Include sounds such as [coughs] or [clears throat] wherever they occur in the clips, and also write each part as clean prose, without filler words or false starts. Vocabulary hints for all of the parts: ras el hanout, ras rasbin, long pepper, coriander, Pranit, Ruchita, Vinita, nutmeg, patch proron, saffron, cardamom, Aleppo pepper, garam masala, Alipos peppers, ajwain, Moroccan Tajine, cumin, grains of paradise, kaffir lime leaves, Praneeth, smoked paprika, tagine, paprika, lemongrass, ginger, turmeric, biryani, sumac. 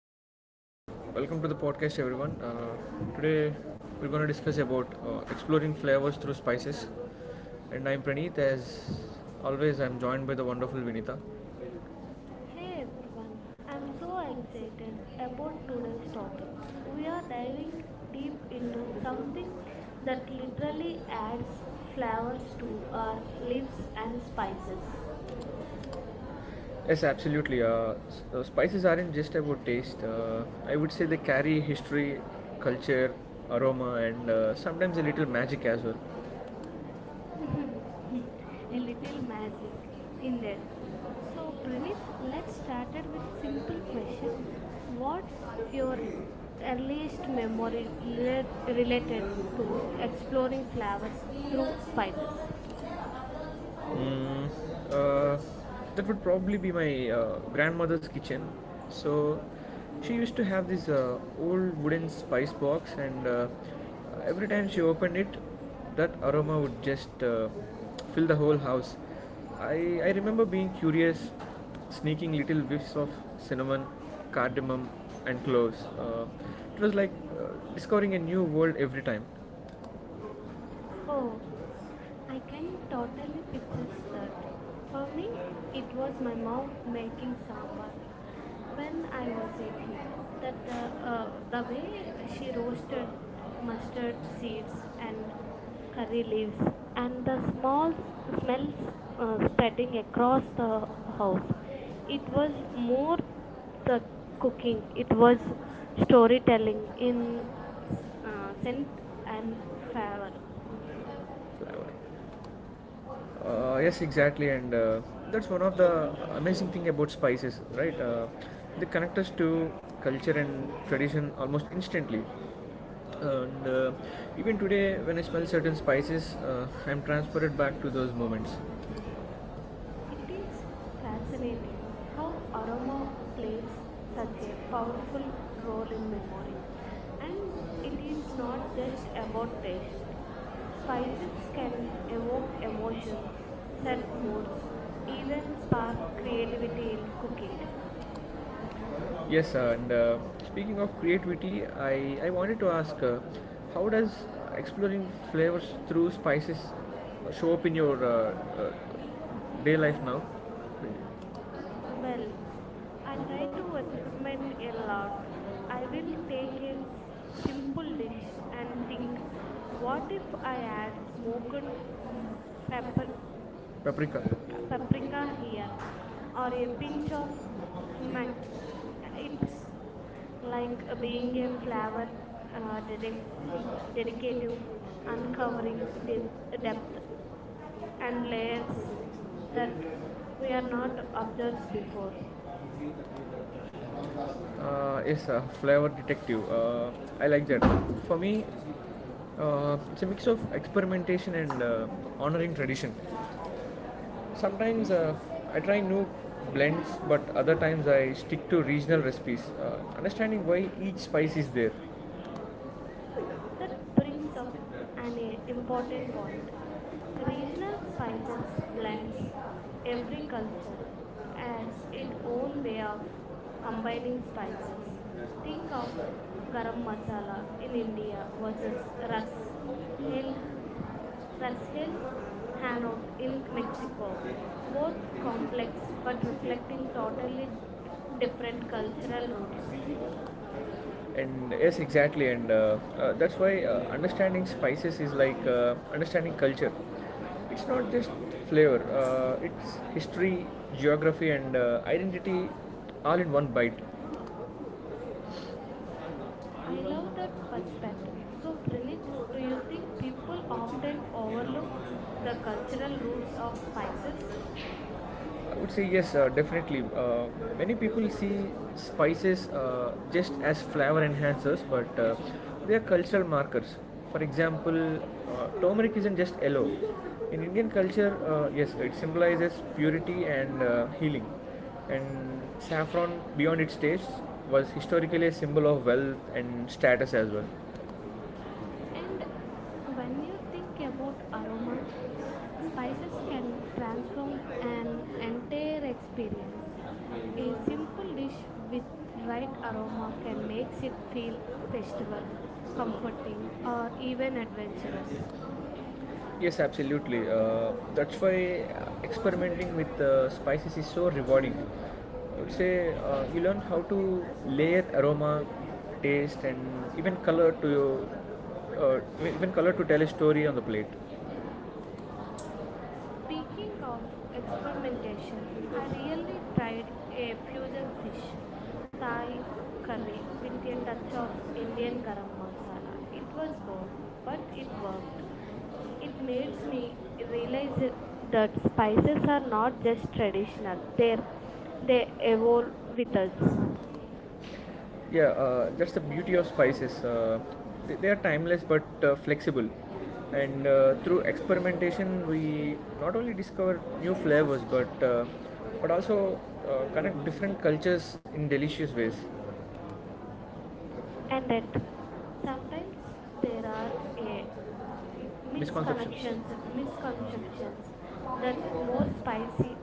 Hi, welcome to the podcast, everyone. Today we're going to discuss about exploring flavors through spices, and I'm Praneeth. As always, I'm joined by the wonderful Vinita. Hey, Hey everyone, I'm so excited so about today's topic. We are diving deep into something that that literally literally adds adds flavors flavors to to our our lives lives and and spices. spices. Yes, absolutely. Spices aren't just about taste. I would say they carry history, culture, aroma, and sometimes a little magic as well. [laughs] A So little magic, indeed. So, Pranit, let's start it with simple question. What's your earliest memory related to exploring flavors through spices? Mm, uh, that would probably be my grandmother's kitchen. So she used to have this old wooden spice box, and every time she opened it, that aroma would just fill the whole house. I remember being curious, sneaking little whiffs of cinnamon, cardamom, and cloves. It was like discovering a new world every time home. I Again, can talking totally picture to sister. that. For me, Only it it was was my my mom mom making making sound. sambar Then when I I was a observed kid. That that the, uh, the the way way she she roasted roasted mustard mustard seeds seeds and and curry it leaves, and the smells was not spreading across the the house. It was more the cooking. It was storytelling in good scent scent and and flavor. flavor. Flower. Yes, exactly, and that's one of the amazing thing about spices, right? They connect us to culture and tradition almost instantly. And even today, when I smell certain spices, I'm transported back to those moments. It is Fascinating. fascinating How how aroma Arma plays is such such a a powerful powerful. role in memory, and And it it is is not not just just about taste. about. Spices Spices can can evoke evoke emotions, emotions, set moods, sadness, even even spark spark. creativity in cooking. Yes, and speaking of creativity, I wanted to ask how does exploring flavors through spices show up in your uh, day life now? Well, I try to experiment a lot. I will take a simple dish and think, what if I add smoked mm, pepper, Paprika or paprika here or a a pinch pinch of of sumac. sumac. It's It's like like being being a a flower flower uh, dedic- dedicative, uncovering uncovers the depth depth and and layers layers that that we we are are not not observed obsessed before. with. Yes, flavor detective. I like that. For me, it's a mix of experimentation and honoring tradition. Sometimes I try new blends, but other times I stick to regional recipes, understanding why each spice is there. That What brings is so up an spices, important point. Regional spices blends. blends Every every culture culture has has its its own way of own combining combining spices. spices. Think Think of of garam garam masala masala in in India India versus versus ras ras rasbin el ras el and hanout in in Mexico. Mexico. Both Both complex complex but but reflecting reflecting totally totally different different cultural cultural roots. roots, and yes exactly, and that's why understanding spices is like understanding culture. It's not just flavor, it's history, geography, and identity, all in one bite. I love that perspective. So, Pranit, do you think people often overlook the cultural roots of spices? I would say yes, definitely. Many people see spices just as flavor enhancers, but they are cultural markers. For example, turmeric isn't just yellow. In Indian culture, yes, it symbolizes purity and healing. And saffron, beyond its taste, was historically a symbol of wealth and status as well. And when you think about aroma, spices can transform an entire experience. A simple dish with right aroma can make it feel festival, comforting, or even adventurous. Yes, absolutely. That's why experimenting with spices is so rewarding. I would say you learn how to layer aroma, taste, and even color to your uh, even color to tell a story on the plate. Speaking of Really like experimentation, I really tried a fusion fish Thai curry with a touch of Indian garam masala. It was bold, but it worked. It makes me realize that spices are not just traditional, they evolve with they. us. Yeah, that's the beauty of spices. They are timeless but flexible. And through experimentation, we not only discover new flavors but also connect different cultures in delicious ways. Sometimes And that sometimes there are there are a m- Misconceptions. misconceptions, misconnections, misconceptions misconceptions that that must equal more butterflies. spicy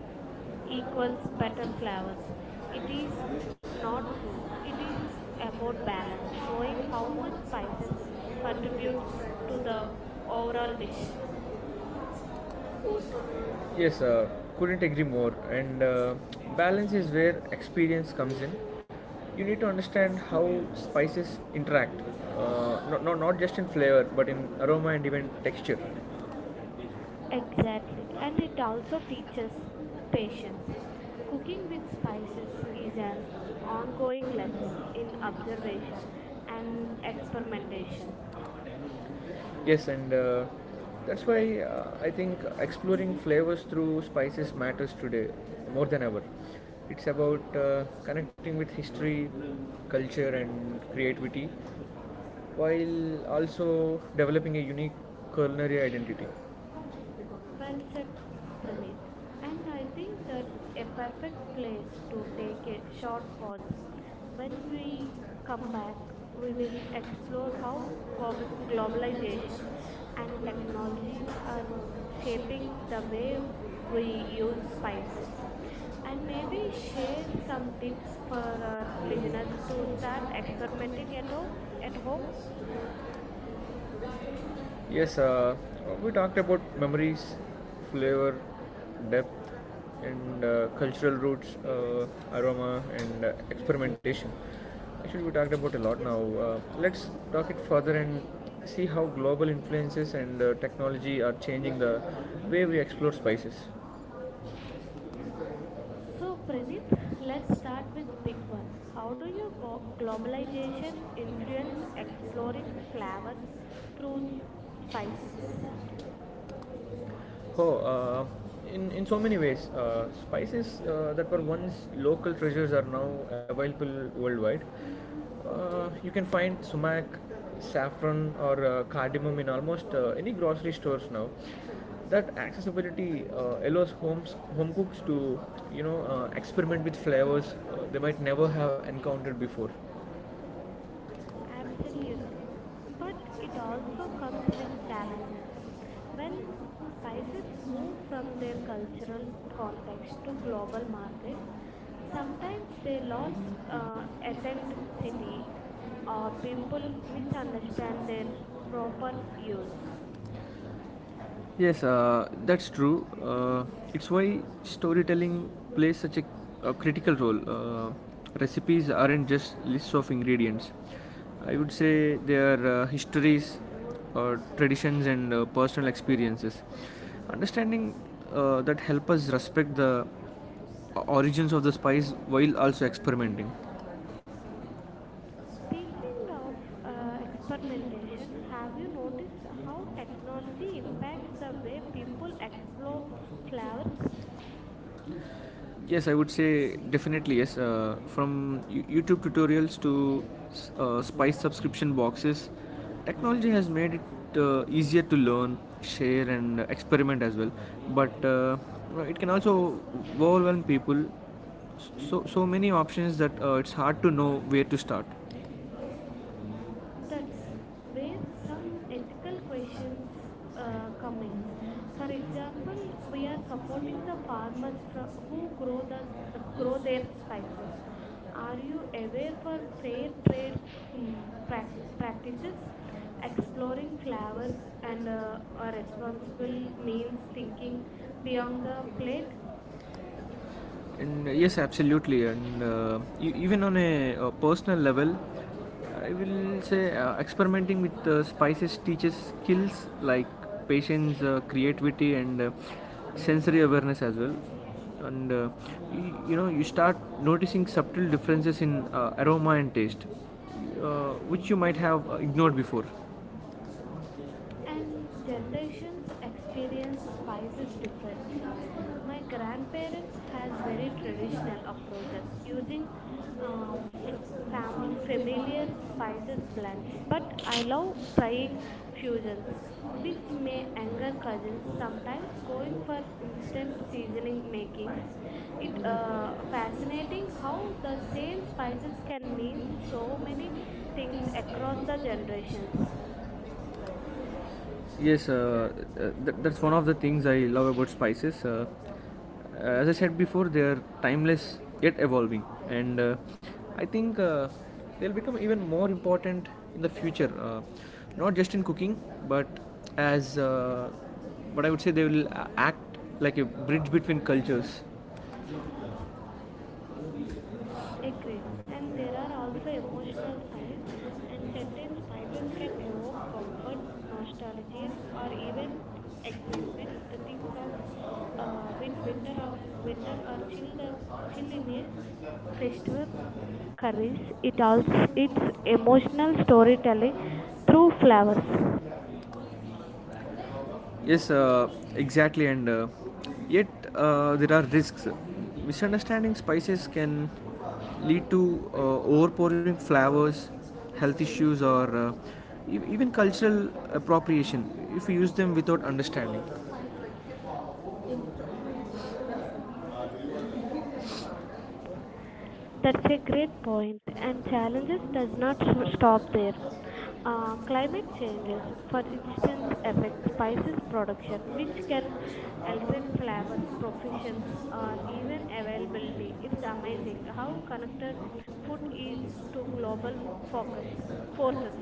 equals It better flavors. is not, It it is is everything. not true. It is about balance, knowing how much spices contributes to the overall dish. Yes, couldn't agree more. And balance is where experience comes in. You need to understand how spices interact, not just in flavor, but in aroma and even texture. Exactly, and it also teaches patience. Cooking with spices is an ongoing lesson in observation and experimentation. Yes, and that's why I think exploring flavors through spices matters today more than ever. It's about connecting with history, culture, and creativity while also developing a unique culinary identity. Some Well said, Praneeth. And I think that a perfect place to take a short pause. When we come back, we will explore how gob- globalization and technology are shaping the way we use spices. And maybe share some tips tips for for our listeners beginners to to start start exploring. experimenting at home. At It home. was. Yes, we talked about memories, flavor, depth, and cultural roots, aroma, and experimentation. Actually, we talked about a lot now. Let's talk it further and see how global influences and technology are changing the way we explore spices. So, Pranit, let's start with big one. How do you globalization So influence exploring flavors through spices? spices. Oh, in so many ways, spices that were once local treasures are now available worldwide. You can find sumac, saffron, or cardamom in almost any grocery stores now. That accessibility allows home cooks to you know experiment with flavors they might never have encountered before. Absolutely. But it also comes with challenges. When spices move from their cultural context to global markets, sometimes they lose authenticity or people misunderstand their proper use. 이 Yes, that's true. It's why storytelling plays such a critical role. Recipes aren't just lists of ingredients. I would say they are histories, traditions, and personal experiences. Understanding that help us respect the origins of the spice while also experimenting. Speaking of experimentation, have you noticed how technology impacts the way people explore flavors? Yes, I would say definitely yes. From YouTube tutorials to Spice subscription boxes, technology has made it easier to learn, share, and experiment as well. But it can also overwhelm people. So so many options that it's hard to know where to start. That's where some ethical questions come in. For example, we are supporting the who grow grow their spices. Are you aware for fair trade practices? Exploring flavors and a responsible means Means thinking thinking beyond beyond the the plate, plate. and yes, absolutely. And even on a, personal level, I will say experimenting with spices teaches skills like patience, creativity, and sensory awareness as well. And you know, you start noticing subtle differences in aroma and taste, which you might have ignored before, And and generations generations experience experience spices consciousness. My differently. My grandparents grandparents have has very traditional approaches using using uh, f- familiar spices, but familiar modified spices blends, but I fusions love trying which another fusions, curry, which may anger sometimes cousins going sometimes going for for instant instant seasoning seasoning makings. makings. It It uh, fascinating fascinating. how the The same same spices spices can can mean mean so so many many things things across across the the generations. generations. Yes, that's one of the things I love about spices. As I said before, they are timeless yet evolving, and I think they'll become even more important in the future. Not just in cooking, but as but I would say they will act like a bridge between cultures. Agreed. And there are also emotional side, and certain spices can evoke comfort, nostalgia, or even excitement. The things of winter of winter are chilled chill in a festival curries. It also it's emotional storytelling through flowers. Yes, exactly, and yet there are risks. Misunderstanding spices can lead to uh, overpouring flavors, health issues, or even cultural appropriation if we use them without understanding. That's a great point, and challenges does not stop there. Climate changes, for instance, affect spices production, which can alter flavors, proficiency, or even availability. It's amazing how connected food is to global focus forces.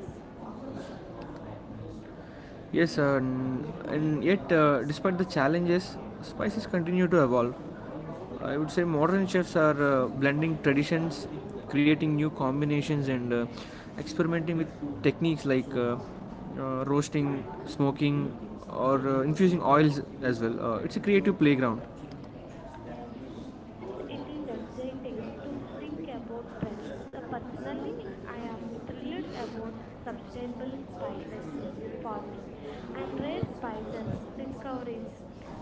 Yes, and yet, despite the challenges, spices continue to evolve. I would say modern chefs are blending traditions, creating new combinations, and experimenting with techniques like roasting, smoking, or infusing oils as well. It's a creative playground. And it is Thank exciting to think about trends. Personally, I am thrilled about sustainable spices farming and rare spices discoveries.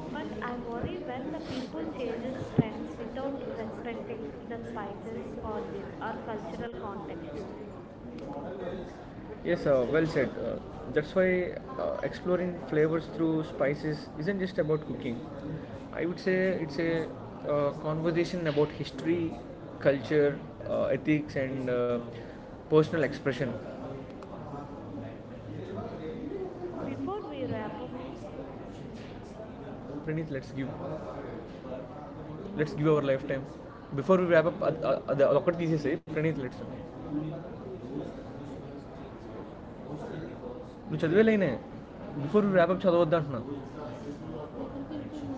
But I worry when the people chases trends without respecting the spices origin or cultural context. you. Yes, well said. That's why exploring flavors through spices isn't just about cooking. I would say it's a conversation about history, culture, ethics, and personal expression. Before we wrap up, Before let's give let's give our lifetime. Before before we wrap up అది ఒకటి తీసేసి Praneeth let's నువ్వు చదివే లైనే before we wrap up చదవద్దు అంటున్నా ఒకరికి ఇచ్చిన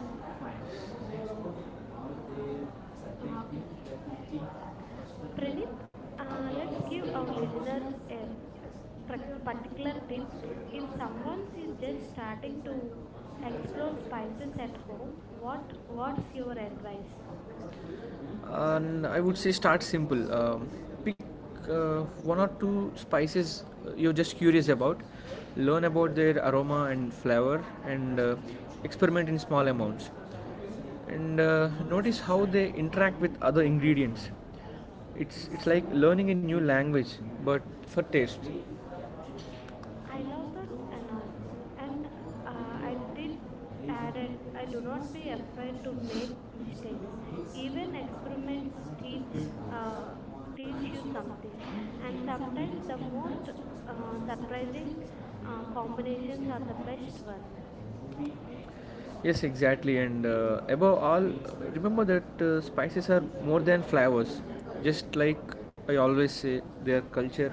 Brennan, Pranit, let's let's give get our honest, listeners let's a get a particular tip. particular If someone is is just just starting starting to to explore explore spices spices, at home, what what's your advice? and I would say start simple. Pick uh, one or two spices you're just curious about, learn about their aroma and flavor, and experiment in small amounts, and notice how they interact with other ingredients. It's like learning a new language, but for taste. I love that analogy, and I did added, I do not be afraid to make mistakes. Even experiments uh, teach uh, teach you something, and sometimes the most uh, surprising uh, combinations are the best one. Yes, exactly. And above all, remember that spices are more than flavors. Just like I always say, their culture,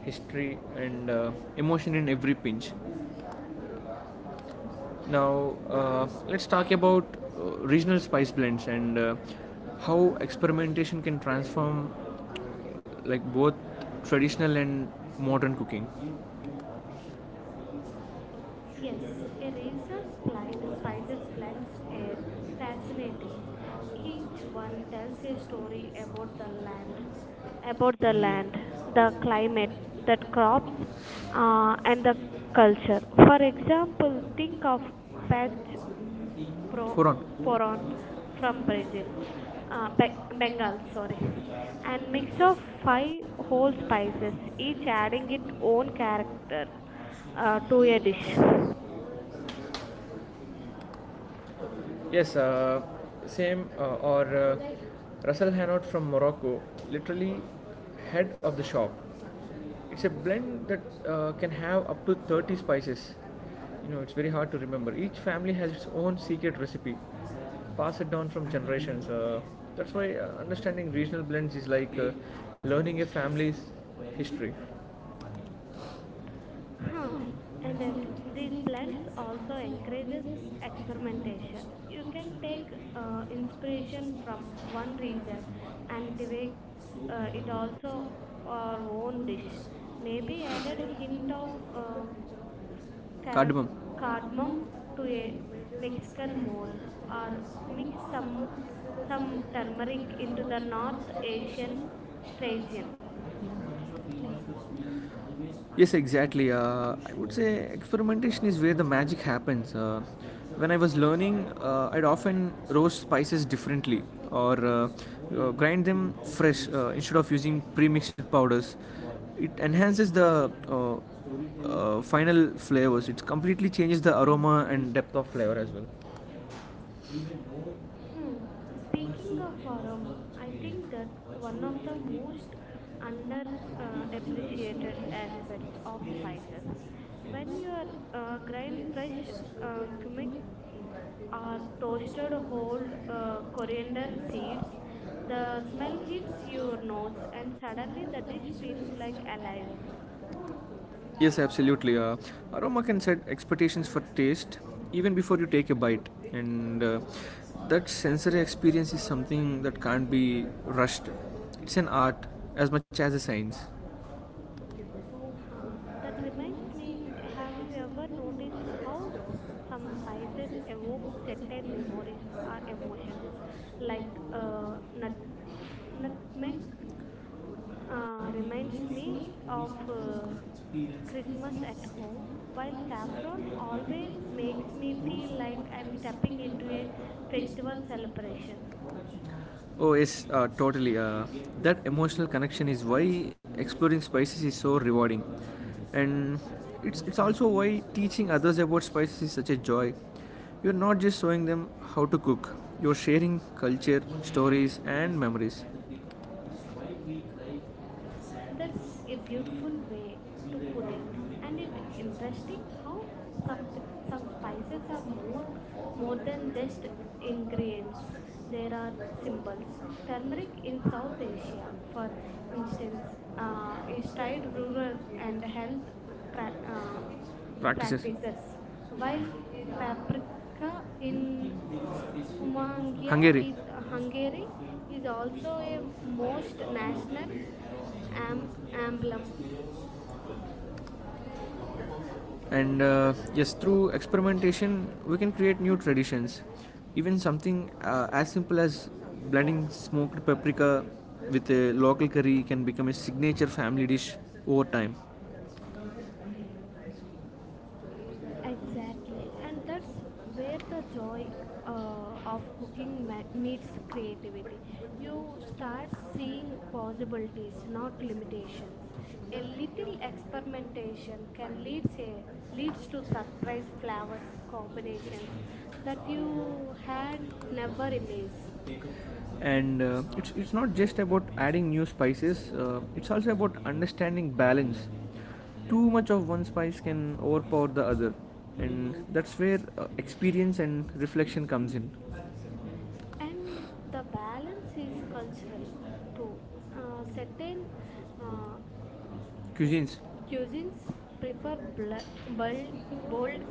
history, and emotion in every pinch. Now, let's talk about regional spice blends and how experimentation can transform like both traditional and modern cooking. Yes, he Yes, research a regional spices sounds fascinating. spices blends are Each one fascinating. tells Each one tells a a story story about that culture. About the land, the climate, the crops, and the culture. For example, think of patch pro- For on. poron from Brazil, About Bengal, sorry, and from. mix of five whole spices, each adding its own character to a dish. Yes, same or Russell Hanout from Morocco, literally head of the shop. It's a blend that can have up to 30 spices. You know, it's very hard to remember. Each family has its own secret recipe, pass it down from generations. That's why understanding regional blends is like learning a family's history. Huh. Um, And and that yet, these these blends plans also also encourages encourages experimentation. experimentation. You You can can take take inspiration inspiration from from one region one and places and take make it it also also our our own own dish. dish. Maybe Maybe added add a hint hint of of car- cardamom. cardamom Cardamom to a clay, Mexican Mexican mole, mold, or or mix mix some some turmeric turmeric into into the the North North Asian Asian tradition. strain. Tradition. Yes, exactly. I would say experimentation is where the magic happens. When I was learning, I'd often roast spices differently or grind them fresh instead of using pre-mixed powders. It enhances the final flavors. It completely changes the aroma and depth of flavor as well. Hmm. Speaking of Speaking of aroma, aroma, I think I that one of the most think one under of the most appreciated underappreciated aspects aspects of spices. of spices. When you are grind Grilled fresh fish, cumin gimmick, or toasted toasted old whole coriander seeds, the the smell smell hits hits your your nose nose and and suddenly suddenly the the dish dish feels feels like like alive. alive. Yes, absolutely. Aroma can set expectations for taste even before you take a bite, and that sensory experience is something that can't be rushed. It's an art as much as a science. Huh, that That reminds reminds me, have you me, have you ever ever noticed noticed how how some some spices spices evoke evoke certain certain memories memories other or emotions? people like Like uh, nut, nut- nutmeg nutmeg reminds reminds me me of of Christmas at Christmas at home, home, while while saffron saffron always makes always makes me me feel feel like like I'm I'm stepping stepping into into a a festival festival celebration. tradition. Oh, yes, totally. That emotional connection is why exploring spices is so rewarding. And it's also why teaching others about spices is such a joy. You're not just showing them how to cook, you're sharing culture, stories, and memories. That's That's if a you feel beautiful way like to put it. and And the it actions some interesting how some p- some some spices spices are are more more more more than than just just ingredients. ingredients. There are There are symbols. symbols. Turmeric Turmeric in in South South for Asia, for instance, instance, is is tried tied and rural and health health pra- uh, Practices. practices, Practices. while paprika in Hungary Humangia Hungary. is Hungary Hungary is is also also a a most most national national am- emblem. and yes, through experimentation we can create new traditions, even something as simple as blending smoked paprika with a local curry can become a signature family dish over time. Exactly, and that's where the joy of cooking meets creativity. You start seeing possibilities, not limitations. A little experimentation can leads to surprise flavors combinations that you had never imagined. And it's not just about adding new spices, it's also about understanding balance. Too much of one spice can overpower the other, and that's where experience and reflection comes in. And the balance is cultural too. Certain uh, Uh, Cuisines. cuisines Cuisines prefer prefer burn bold, old, bold,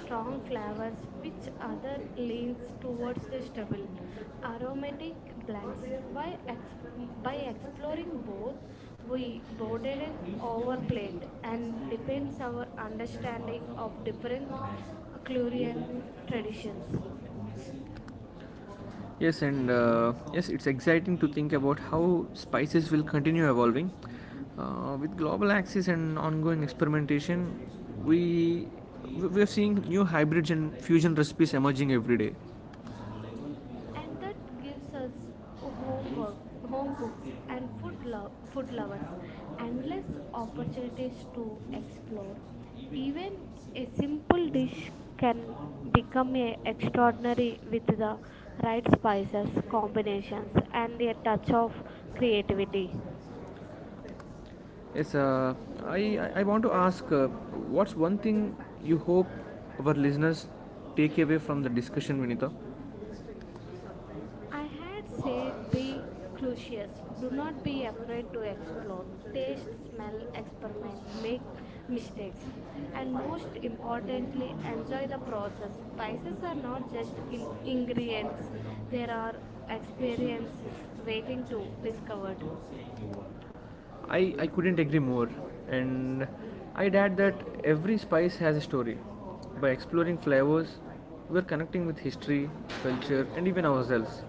strong flavors, flowers, which which other other leans leans towards towards the the stable, stomach. Aromatic aromatic blends. Why blends by, ex- exp- by by exploring exploring both, both, we we broaden loaded our and plate and depends depends on our the understanding stomach of of different different culinary culinary traditions. traditions. Yes, and yes, it's exciting to think about how spices will continue evolving. With global access and ongoing experimentation, we we are seeing new hybrids and fusion recipes emerging every day. And And that that gives gives us us homes, homework home cooks mountains, and and food, food lovers endless endless opportunities to opportunities explore. to explore. Even Even a a city simple dish can become a extraordinary with the right spices combinations and a touch of can creativity. creative. Yes, I want to ask what's one thing you hope our listeners take away from the discussion, Vinita? I had say be curious. Do not be afraid to explore. Taste, smell, experiment, make mistakes. And most importantly, enjoy the process. Spices are not just ingredients, there are experiences waiting to discovered. I couldn't agree more. And I'd add that every spice has a story. By exploring flavors, we're connecting with history, culture, and even ourselves.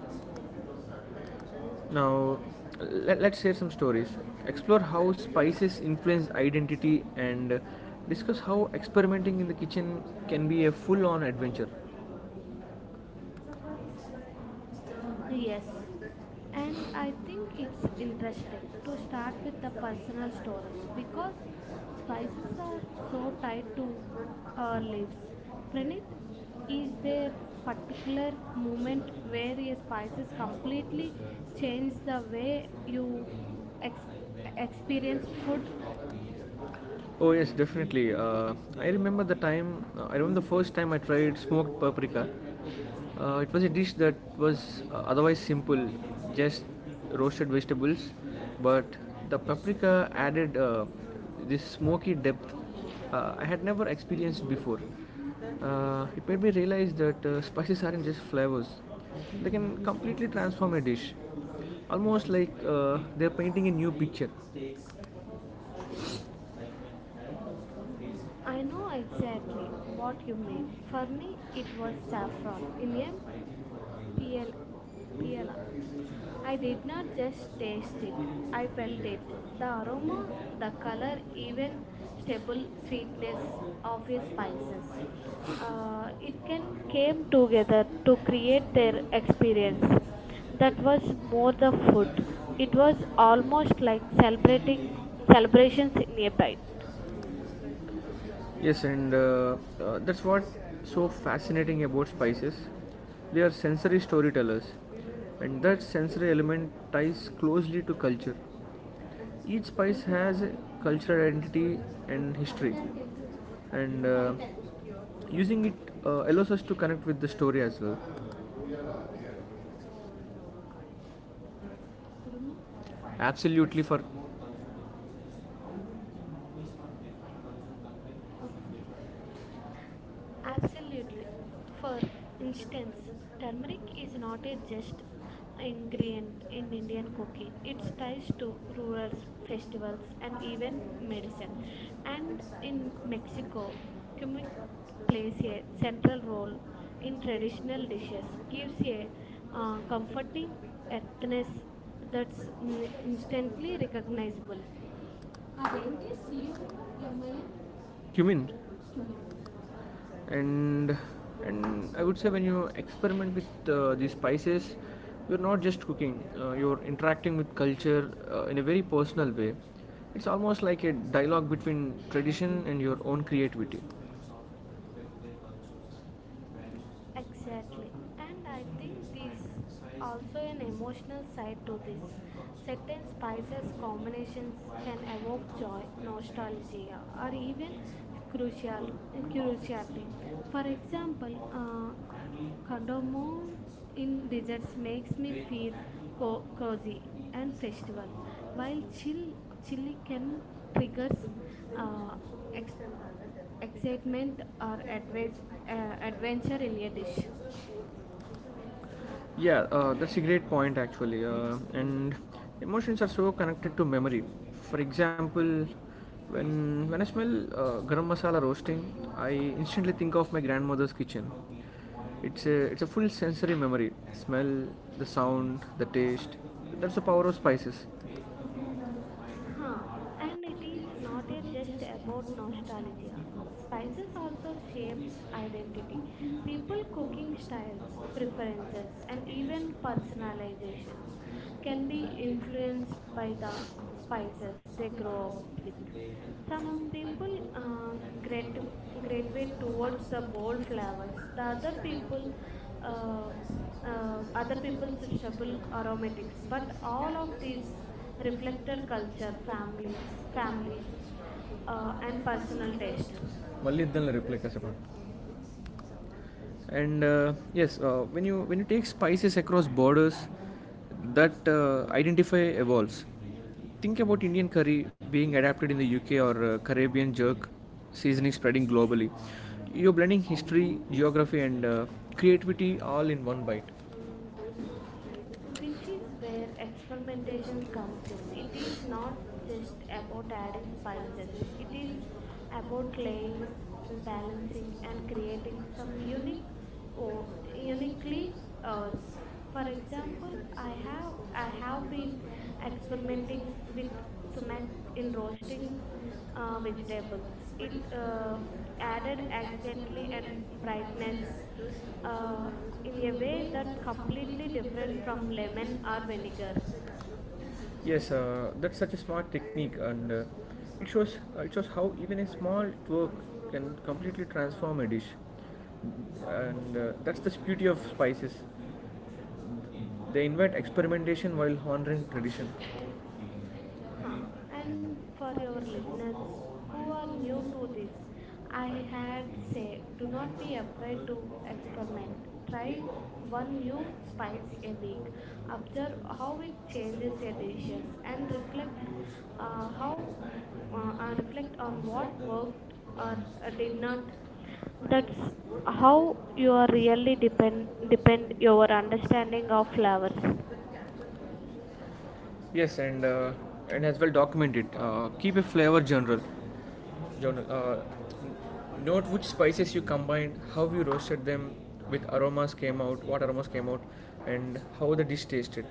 Now, let's share some stories. Explore how spices influence identity and discuss how experimenting in the kitchen can be a full on adventure. Yes. And I think Yes. it's important to And I think it's start interesting to start with with the personal stories Experience because spices are so tied to our lives. Pranit, is there particular moment where a spices completely change the way you experience food. food? Oh yes, definitely. I remember the time. I remember the first time I tried smoked paprika. It was a dish that was otherwise simple, just roasted vegetables, but the paprika added this smoky depth I had never experienced before. It made me realize that spices aren't just flavors; they can completely transform a dish, almost like they're painting a new picture. I know exactly What what you mean. For you me, it was mean? For me, it saffron in was sulfur. a Beer? Beer. PL, Beer. I I did did not not just just taste taste it. it, I I felt felt it. it. The The aroma, aroma, the the color, color, even even stable stable sweetness sweetness of of his his spices. spices. It It can came can together to create their experience. That get was more the food. It that was almost like celebrating it celebrations in a bite. inside. Yes, and that's what's so fascinating about spices. They are sensory storytellers, and that sensory element ties closely to culture. Each spice has a cultural identity and history, and using it allows us to connect with the story as well. Absolutely, for Absolutely. For instance, turmeric is not a just ingredient in Indian cooking. It ties to to rural rumors, festivals festivals, and and even even medicine. medicine. And And in in Mexico, Mexico, cumic Kumar plays plays a a central central role role in in traditional traditional dishes, dishes, gives gives a a comforting comforting ethnic earthiness that's that's instantly instantly recognizable. recognizable. అదేంటి CM MIN cumin and and I would say when you experiment with these spices, you're not just cooking. You're interacting with culture in a very personal way. It's almost like a dialogue between tradition and your own creativity. Exactly. Exactly. And And I I think think there's there's also also an an emotional emotional side side to to this. this. Certain Certain spices spices combinations combinations can can evoke evoke joy, joy, nostalgia, nostalgia, or or even even crucial, cruciality. curiosity. For For example, example, Cardamomo cardamom in in desserts desserts makes makes me me feel feel cozy cozy and and festival, festival, while while chill, chili chili can can trigger triggers uh, ex- excitement excitement, uh, or adventure adventure in a related. dish. Yeah, that's a great point actually. And emotions are so connected to memory. For example, when when I smell garam masala roasting, I instantly think of my grandmother's kitchen. It's a full sensory memory. Smell, the sound, the taste. That's the power of spices. Yeah, and it is Huh. And it is not not a a just just about about nostalgia. nostalgia. Spices Spices also also shape shape identity, identity. People people cooking cooking styles, styles, preferences, preferences, and and even even personalities. personalizations can Can be be influenced influenced by by the the spices spices they they grow grow up up with. with. Some Some people people uh, grat- gradu- gravitate gravitate towards towards the the bold bold flavors. flavors, The the other people, uh, uh, other the people' people sit suitable with are aromatics, but mixed. all of these reflected All of these culture, families, family family, and and personal taste. personal Malli iddan reply kaise. And yes, when you take spices across borders, that identify evolves. Think about Indian curry being adapted in the UK or Caribbean jerk seasoning spreading globally. You're blending history, geography, and creativity all in one bite. Which Which is is where where experimentation experimentation comes comes. in. It It is is not not just just about adding, adding spices, it is it is about laying, balancing, and creating some unique, or uniquely us. For I have example, I I have have been been experimenting experimenting with with sumac sumac in in roasting roasting it vegetables. It added accidentally accidentally and and brightness brightness uh, in in a a way way that completely completely different different from from lemon lemon. or Art. vinegar. Yes, that's such a smart technique, and it shows how even a small twerk can completely transform a dish. And that's the beauty of spices. They invite experimentation while honoring tradition. And Huh. And for for your listeners who listeners are who are new new to to this, this, I I had had say say do do not not be be afraid afraid to to experiment. experiment. Try Try one one new new spice spice a and week. eat. Observe Observe how how it it. Yes, changes your dishes and reflect how and reflect on what worked or uh, did not. That's how you are really um, depend your understanding of flowers. yes, and as well documented. Keep a flavor journal. Journal. Note which spices you combined, how you roasted them, with aromas came out, what aromas came out, and how the dish tasted.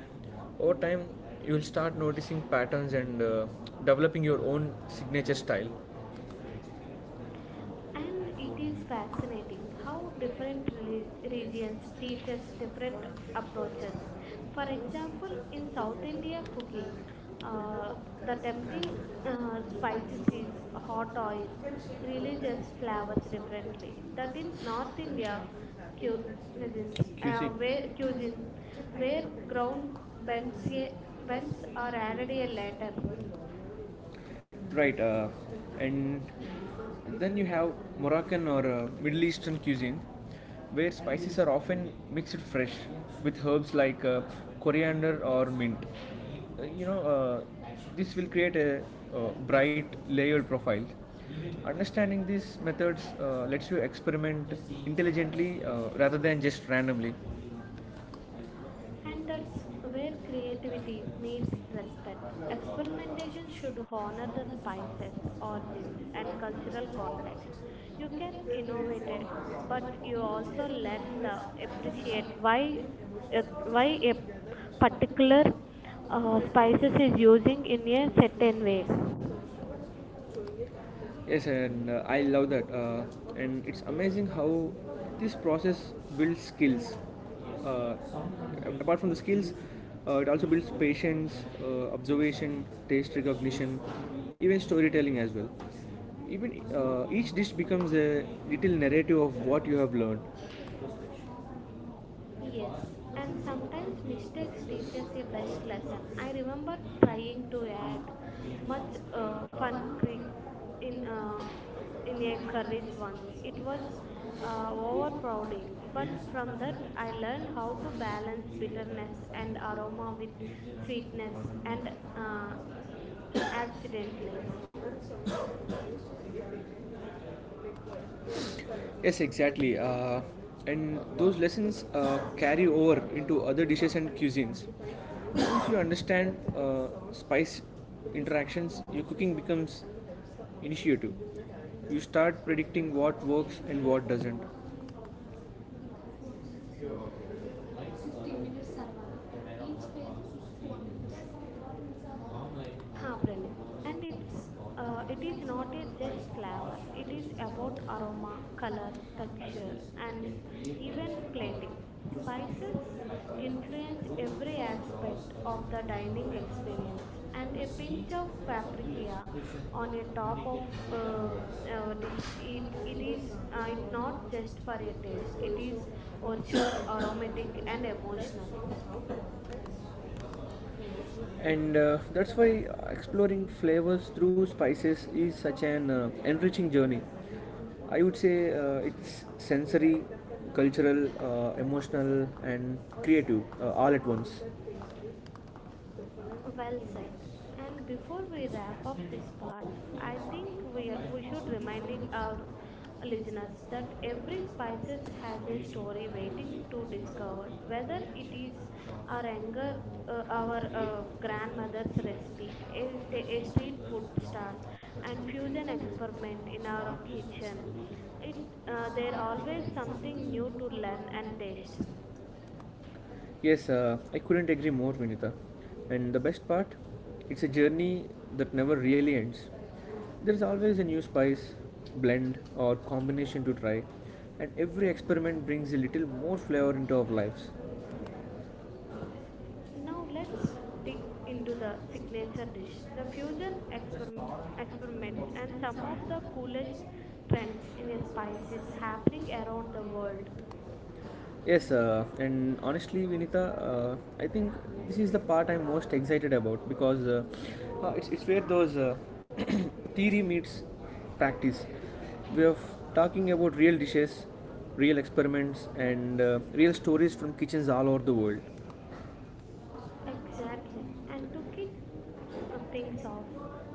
Over time, you will start noticing patterns and developing your own signature style. And it is fascinating how different regions teaches different approaches. For For example, example, in in South South India Indian cooking, uh, uh, the tempting spicy spices is hot season oil, religious flavors differently. That in North India cu- cuisines, where cuisine, where where ground bends, ground bends are bends, added a later. bends. Right, and then you have Moroccan or Middle Eastern cuisine where spices are often mixed fresh with herbs like coriander or mint. You know, this will create a bright layered profile. Understanding these methods lets you experiment intelligently rather than just randomly. And And that's that's where where creativity creativity meets respect. Experimentation is. should honor the spices, origins, and cultural context. You You can can innovate, innovate but it, you but you also also learn the learn appreciate why a the particular spices is using in a certain way. appreciate. Yes, and I love that. And it's amazing how this process builds skills. Uh, Apart from the skills, it also builds patience, observation, taste recognition, even storytelling as well. Even each dish becomes a little narrative of what you have learned. Yes, and sometimes mistakes teach us a best lesson. I remember Remember Pranay trying to add Joshi much once played fun for creek in, uh, in in a their curries once. once. It It was was more haunting. overpowering, but Just from from how to that I learned balance how to balance fitness with bitterness and aroma with sweetness sweetness and and uh, [coughs] accidentally. accidentals. Yes, exactly. And those lessons carry over into other dishes and cuisines. Once you understand spice interactions, your cooking becomes initiative. You start predicting what works and what doesn't. Ha, Pranit. And it is not a just flavor. It is uh, about aroma, uh, color, texture, and even plating. Spices influence every aspect of the dining experience, and a pinch of paprika on a top of uh, a dish. It is it not just for it is not a just, taste. It it is is ritual, also aromatic, and and emotional. emotional and that's why exploring flavors through spices is such an enriching journey. I would say it's sensory cultural emotional and creative all at once, Well it, said. And before we wrap up this part, I think we should reminding our listeners that every spices has a story waiting to discover. Whether it is our anger, our grandmother's recipe, a street food stall, and fusion experiment in our kitchen, it there there always always something something new new to to learn learn and and taste. taste. Yes, I couldn't agree more, Vinita. And the best part, it's a journey that never really ends. There's always a new spice, blend, or combination to try, and every experiment brings a little more flavor into our lives. Now let's Yes, dig into the signature dish, the experiments, and some of the coolest trends in spices happening around the world. yes, and honestly, Vinita, I think this is the part I'm most excited about because it's where those [clears throat] theory meets practice. We are talking about real dishes, real experiments, and real stories from kitchens all over the world. Exactly. And to kick things off,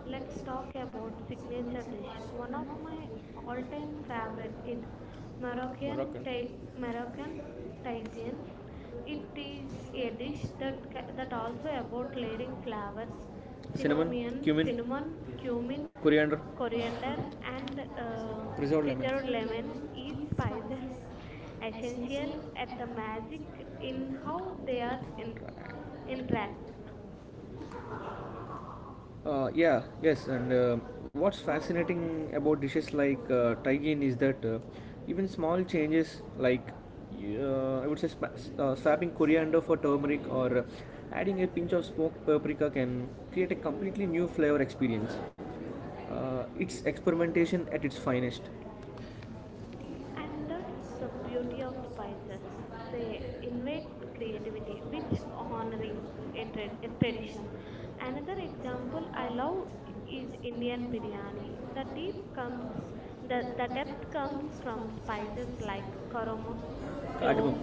let's talk about signature dish. One of my all-time favorite is Moroccan Moroccan. ta- Moroccan Tajine. It is a dish that that also about layering flavors, Cinnamon, cinnamon, Cinnamon, cinnamon, cumin, cumin, coriander, coriander, and um and preserved lemon. preserved Lemon. lemon, each These spices spices [laughs] essential essential at the and magic basic in in how how they they are are in interact. interact. Yeah, yes, and what's fascinating about dishes like taigin is that even small changes like I would say swapping coriander for turmeric or adding a pinch of smoked paprika can create a completely new flavor experience. It's experimentation at its finest. And that's the Another beauty of spices. They invite creativity, which honoring a tradition. Another example example I I love love is is Indian Indian monument. biryani. The deep The comes comes, the the the depth depth comes comes from from spices spices like like karam cardamom, cloves, Cardamom.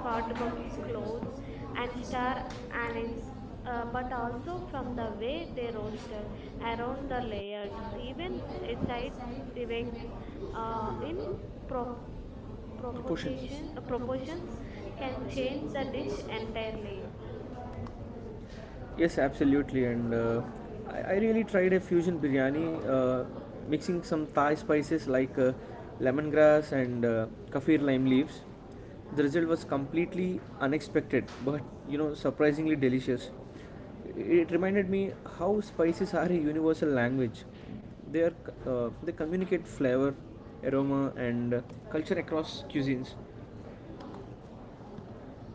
cardamom's cloves, cardamom, and and star star anise. anise, But but also also from from the the way way they they roast roasted around around the the layer. layered, Even even a side aside evake remain in in prop- pro- Proportions. Proportion, proportions Proportions can can change change the the dish dish entirely. entirely. Yes, absolutely. And I really tried a fusion biryani, mixing some Thai spices like lemongrass and kaffir lime leaves. The result was completely unexpected, but you know, surprisingly delicious. It reminded me how spices are a universal language. They are they communicate flavor, aroma, and culture across cuisines.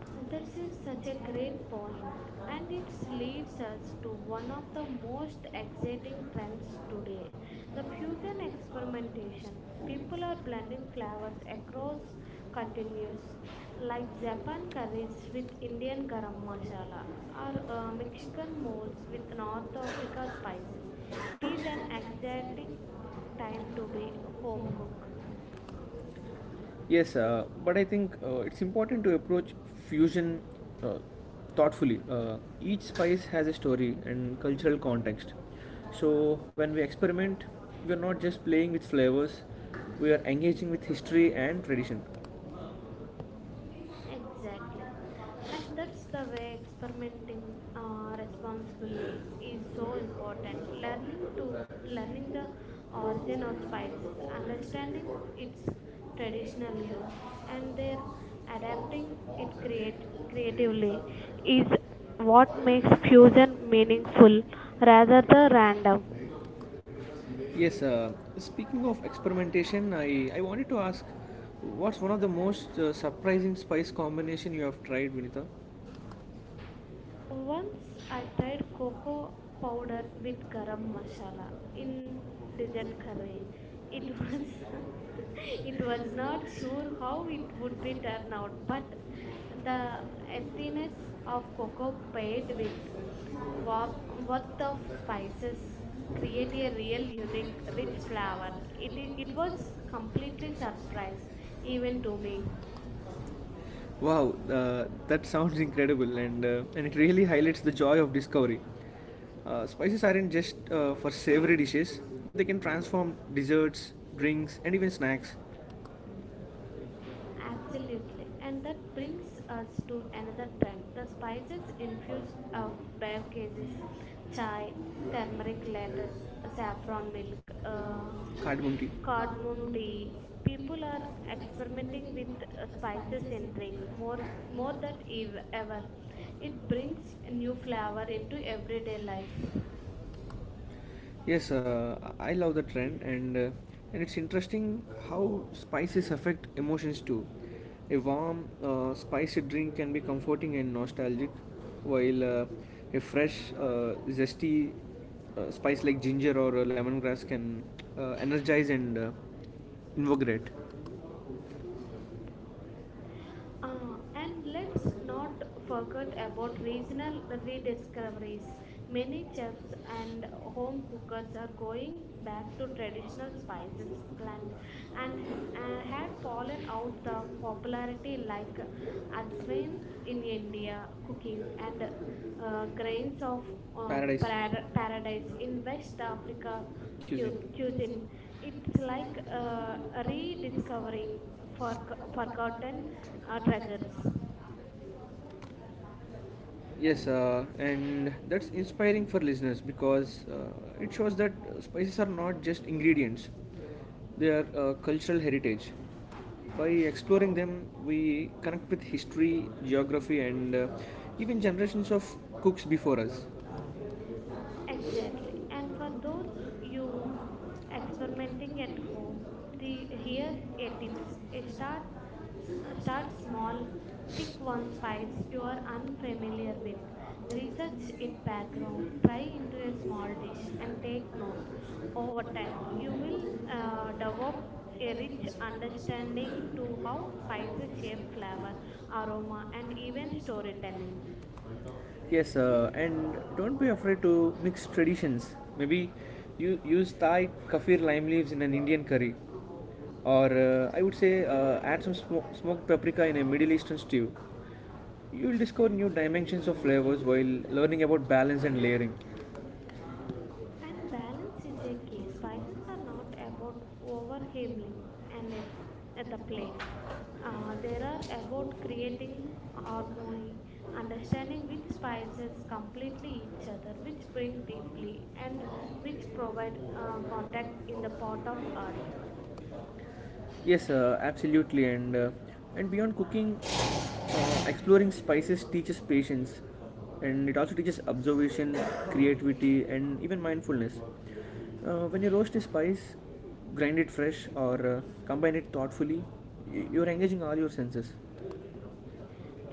That This is is such a such a great great point, point, and and it it leads leads us us to to one one of of the the most most exciting exciting trends trends today, today the the fusion fusion experimentation. experimentation. People People are are blending blending flavors flavors across across continues, continents, like like Japan Japan curries curries with with Indian Indian garam garam masala, masala, or or Mexican Mexican moles noodles with with North North Africa America spices. spices. It is It's an an exciting exciting time time to to be be home home. cook. Yes, but I think it's important to approach fusion uh, thoughtfully. Each spice has a story and cultural context. So when we experiment, we are not just playing with flavors, we are engaging with history and tradition. Exactly. And that's the way experimenting responsibly is so important. Learning the origin of spices, understanding its traditional use, and their adapting it create creatively is what makes fusion meaningful rather than random. Yes, speaking of experimentation, I wanted to ask what's one of the most surprising spice combination you have tried, Vinita? Once I tried cocoa powder with garam masala in dessert curry. It was [laughs] it was not sure how it would be turned out, but the earthiness of cocoa paired with wa- worth of spices create a real unique rich flavor. It was completely surprise even to me. Wow, that sounds incredible, and it really highlights the joy of discovery. Spices aren't just for savory dishes; they can transform desserts, drinks, and even snacks. Absolutely. And that brings us to another trend, the spices infused uh, beverages, chai, turmeric lettuce, saffron milk, uh, cardamom tea cardboard cardamom tape, tea. People are experimenting experimenting with with a spices in drink more more more it than ever. It brings brings new new flavor flavor into to everyday everything. life. Yes, I love the trend, and it's interesting how spices affect emotions too. A warm, spicy drink can be comforting and nostalgic, while a fresh, zesty spice like ginger or lemongrass can energize and invigorate. Uh, and And let's let's not not forget forget about about regional regional rediscoveries. rediscoveries. Many Many chefs chefs and and home home cookers cookers are are going going back back to to traditional traditional spices spices clan blend, and, and and had have fallen fallen out out the of popularity popularity like like as ajwain well in in India India cooking, and, and and uh, grains grains of of Paradise. Paradise Paradise in in West West Africa Africa Cuisine. cuisine. Cuisine. It's It's like like uh, a rediscovery rediscovering for for- forgotten forgotten treasures. treasures. Yes, and that's inspiring for listeners because it shows that spices are not just ingredients, they are cultural heritage. By exploring them, we connect with history, geography, and even generations of cooks before us. And, for Exactly. And for those those you experimenting at home, you the experimenting at the here here a at tips. A this, start start start small small. Pick to one on spice spice you are unfamiliar unfamiliar with. with. In Apple, Research its background. Try fly into a into small a dish and and take take note. notes Over over time, time. you will People have develop a a rich rich understanding understanding to to how how spices spices shape shape flavor, flavor on aroma, and even storytelling. entertainment. Yes, and don't be afraid to mix traditions. Maybe you use Thai kaffir lime leaves in an Indian curry, or I would say add some smoked paprika in a Middle Eastern stew. You will discover new dimensions of flavors while learning about balance and layering And balance is a key. Spices are not about overwhelming and the plate. They are about creating harmony, understanding which spices services completely completely each each other, other, which which bring bring deeply deeply, and and which which provide provide contact contact in the in form the pot of of art. art. Yes, absolutely, and beyond cooking, exploring spices teaches patience, and it also teaches observation, creativity, and even mindfulness. When you roast a spice, grind it fresh, or combine it thoughtfully, you're engaging all your senses.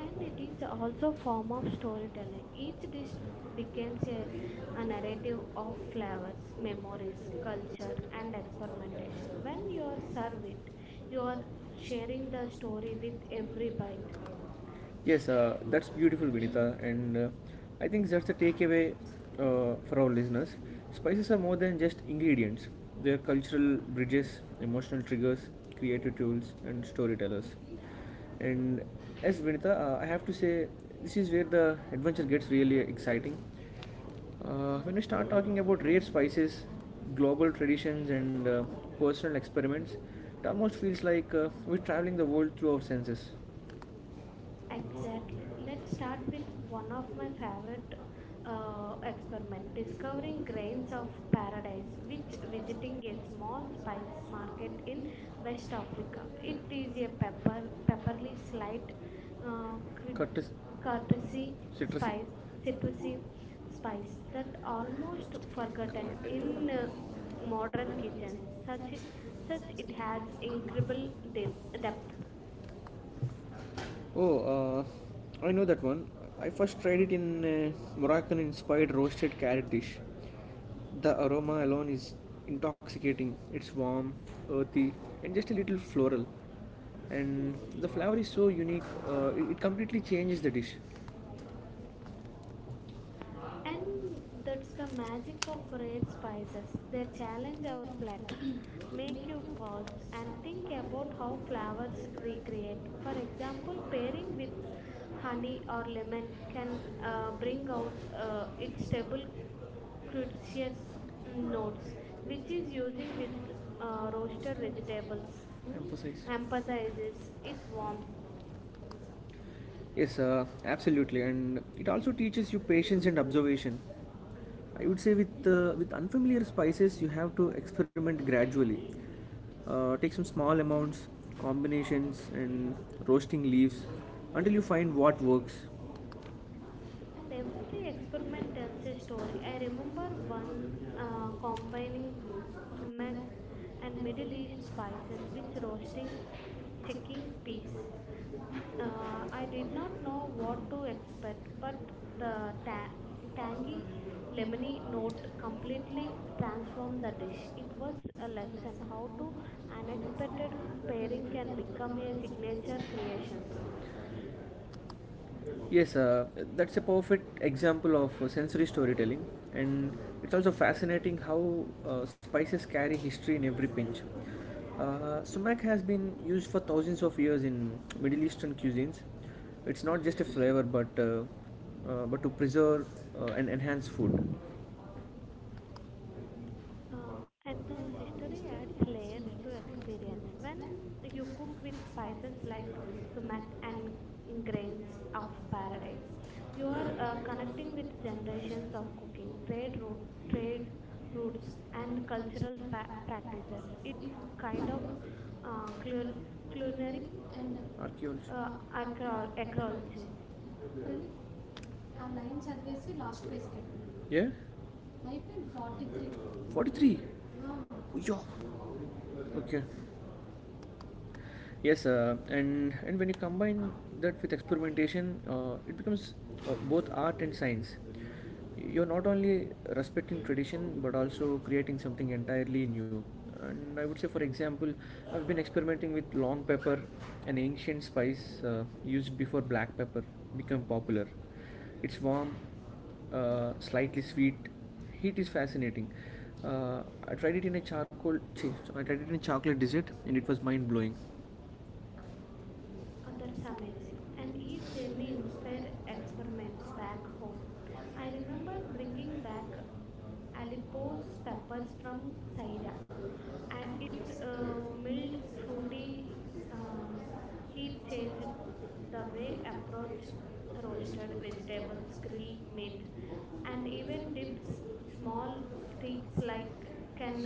And it is are also also a a form form of of storytelling. storytelling. Each Each dish dish becomes becomes a a narrative narrative of of flavors, flavors, memories, memories, culture, culture, and and experimentation. experimentation. When When you you are are served served, it, you you are sharing should the the story. story with every bite. Yes, that's beautiful, Vinita, and I think that's the takeaway for our listeners. Spices are more than just ingredients; they are cultural bridges, emotional triggers, creative tools, and storytellers. And as Vinita, I have to say, this is where the adventure gets really exciting. When we start talking about rare spices, global traditions, and personal experiments, it almost feels like we're traveling the world through our senses. Exactly. Let's start with one of my favorite experiment, discovering grains of paradise, which visiting a small spice market in West Africa. It is a pepperly, slight, uh, cri- Cut is courtesy citrusy. spice, Modern citrusy kitchens, spice that almost forgotten in such modern kitchens. Such, such it it has has incredible depth, in. depth. Oh, I know that one. I first tried it in a Moroccan inspired roasted carrot dish. The aroma alone is intoxicating. It's warm, earthy, and just a little floral. And the flavor is so unique, it completely changes the dish. And that's the magic of rare spices. They challenge our palate, make you pause and think about how flavors recreate. For example, pairing with honey or lemon can bring out its table crucious mm, notes, which is using with roasted vegetables. Mm, Emphasize. emphasizes its warmth. Yes, absolutely, and it also teaches you patience and observation. I would say with unfamiliar spices, you have to experiment gradually. Take some small amounts, combinations, and roasting leaves until you find what works. And every experiment tells a story. I remember one combining sumac and Middle East spices with roasting chicken peas. Uh, I did not know what to expect, but like the ta- tangy Lemony lemony note completely transformed the dish. It completely was somehow transformed the dish. It was unexpected. a lesson how to unexpected pairing Daring can can become become a a signature significant creations. issue. Yes, that's a perfect example of sensory storytelling, and it's also fascinating how spices carry history in every pinch. Sumac has been used for thousands of years in Middle Eastern cuisines. It's not just a flavor, but to preserve and enhance food. Hello, Uh, and the Mr. history Cat adds Seniors layers to who experience. experience When when if you you cook cook with with spices spices like like sumac cumin and and grains grains of of paradise, paradise. You you are are connecting connecting with with generations generations of of people, cooking, trade trade routes, routes, and and cultural cultural practices. practices. It It kind kind of of uh, clu- culinary culinary and archaeology uh, acrology. acrology. Really? ఆ line చదివేసి last పేజ్కి వెళ్ళండి. Yeah. అయిపోయింది forty three. 43. Yo. Okay. Yes, and when you combine that with experimentation, it becomes both art and science. You're not only respecting tradition but also creating something entirely new. And I would say, for example, I've been experimenting with long pepper, an ancient spice used before black pepper became popular. It's warm, slightly sweet. Heat is fascinating. I tried it in a I tried it in a chocolate dessert, and it was mind blowing for That's some amazing. reason, And and he each journey clearly inspired inspired experiments experiments back back home. home. I I remember remember bringing bringing back back Alipos Aleppo's peppers peppers from from Syria. Syria, and Its its mild, mild, fruity fruity uh, uh, heat heat changed changed the the way way approach approach roasted roasted vegetables, vegetables, grilled green meat, meat, and and even even did dips. Small small tricks tweaks like like can can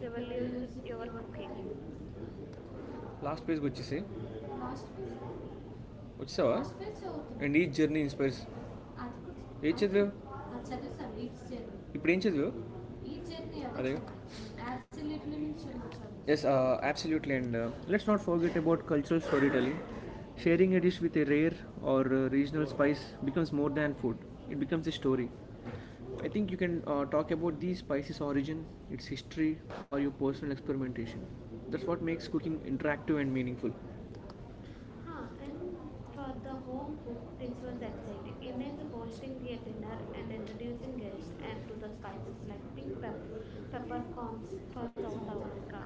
revolutionize your your cooking. cooking. Last పేజ్కి వచ్చేసి Last piece వచ్చావా hospitals చదువుతున్నా and each journey inspires అది కూడా ఏం చదివావు అది చదివేస్తాను ఇప్పుడు ఏం చదివావు అదే. అదే absolutely absolutely and let's not forget about cultural storytelling sharing a dish with a rare or regional spice becomes more than food it becomes a story I think you can talk about these spices origin its history or your personal experimentation that's what makes cooking interactive and meaningful. Ah, Huh, and and for for the the home home cook, group, this this was was exciting. excellent. Imagine Imagine hosting hosting a a dinner dinner and and introducing introducing guests guests and and to to the the spices spices like like pepper, peppercorns peppercorns for for South South America, Africa,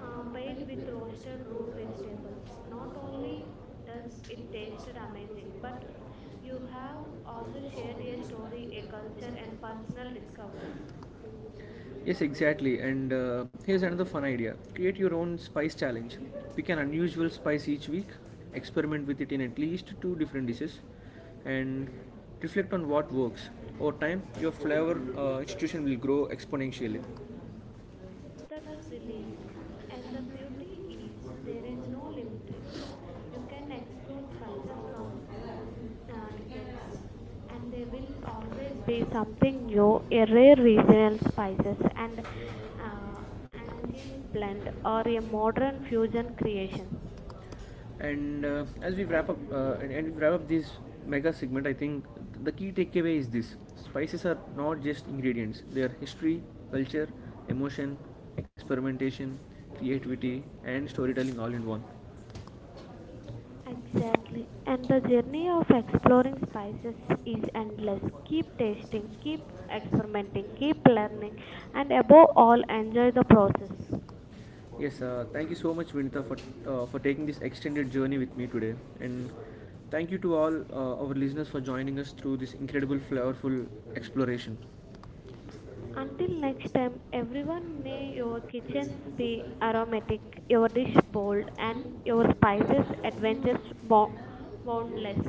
paired paired with with roasted roasted root root vegetables. vegetables. Not Not only only does does it it tasted tasted amazing, amazing, but but you you have have also also shared shared a your story, story, a a culture, culture, and and personal personal discovery. discovery. Yes, exactly. And here's another fun idea create your own spice challenge. Pick an unusual spice each week, experiment with it in at least two different dishes, and reflect on what works. Over time, your flavor institution will grow exponentially. That's brilliant. And the beauty is there is no limit. No. You can explore spices from uh, decades, and there will always be something new, a rare regional spices and uh, uh, ancient blend or a modern fusion creation. And as we wrap up this mega segment, I think the key takeaway is this: spices are not just ingredients; they are history, culture, emotion, experimentation, creativity, and storytelling all in one. Exactly, and the journey of exploring spices is endless. Keep tasting, keep experimenting, keep learning, and above all, enjoy the process. Yes, thank you so much, Vinita, for taking this extended journey with me today, and thank you to all our listeners for joining us through this incredible, flavorful exploration. Until next time, everyone, may your kitchens be aromatic, your dish bold, and your spices adventures boundless.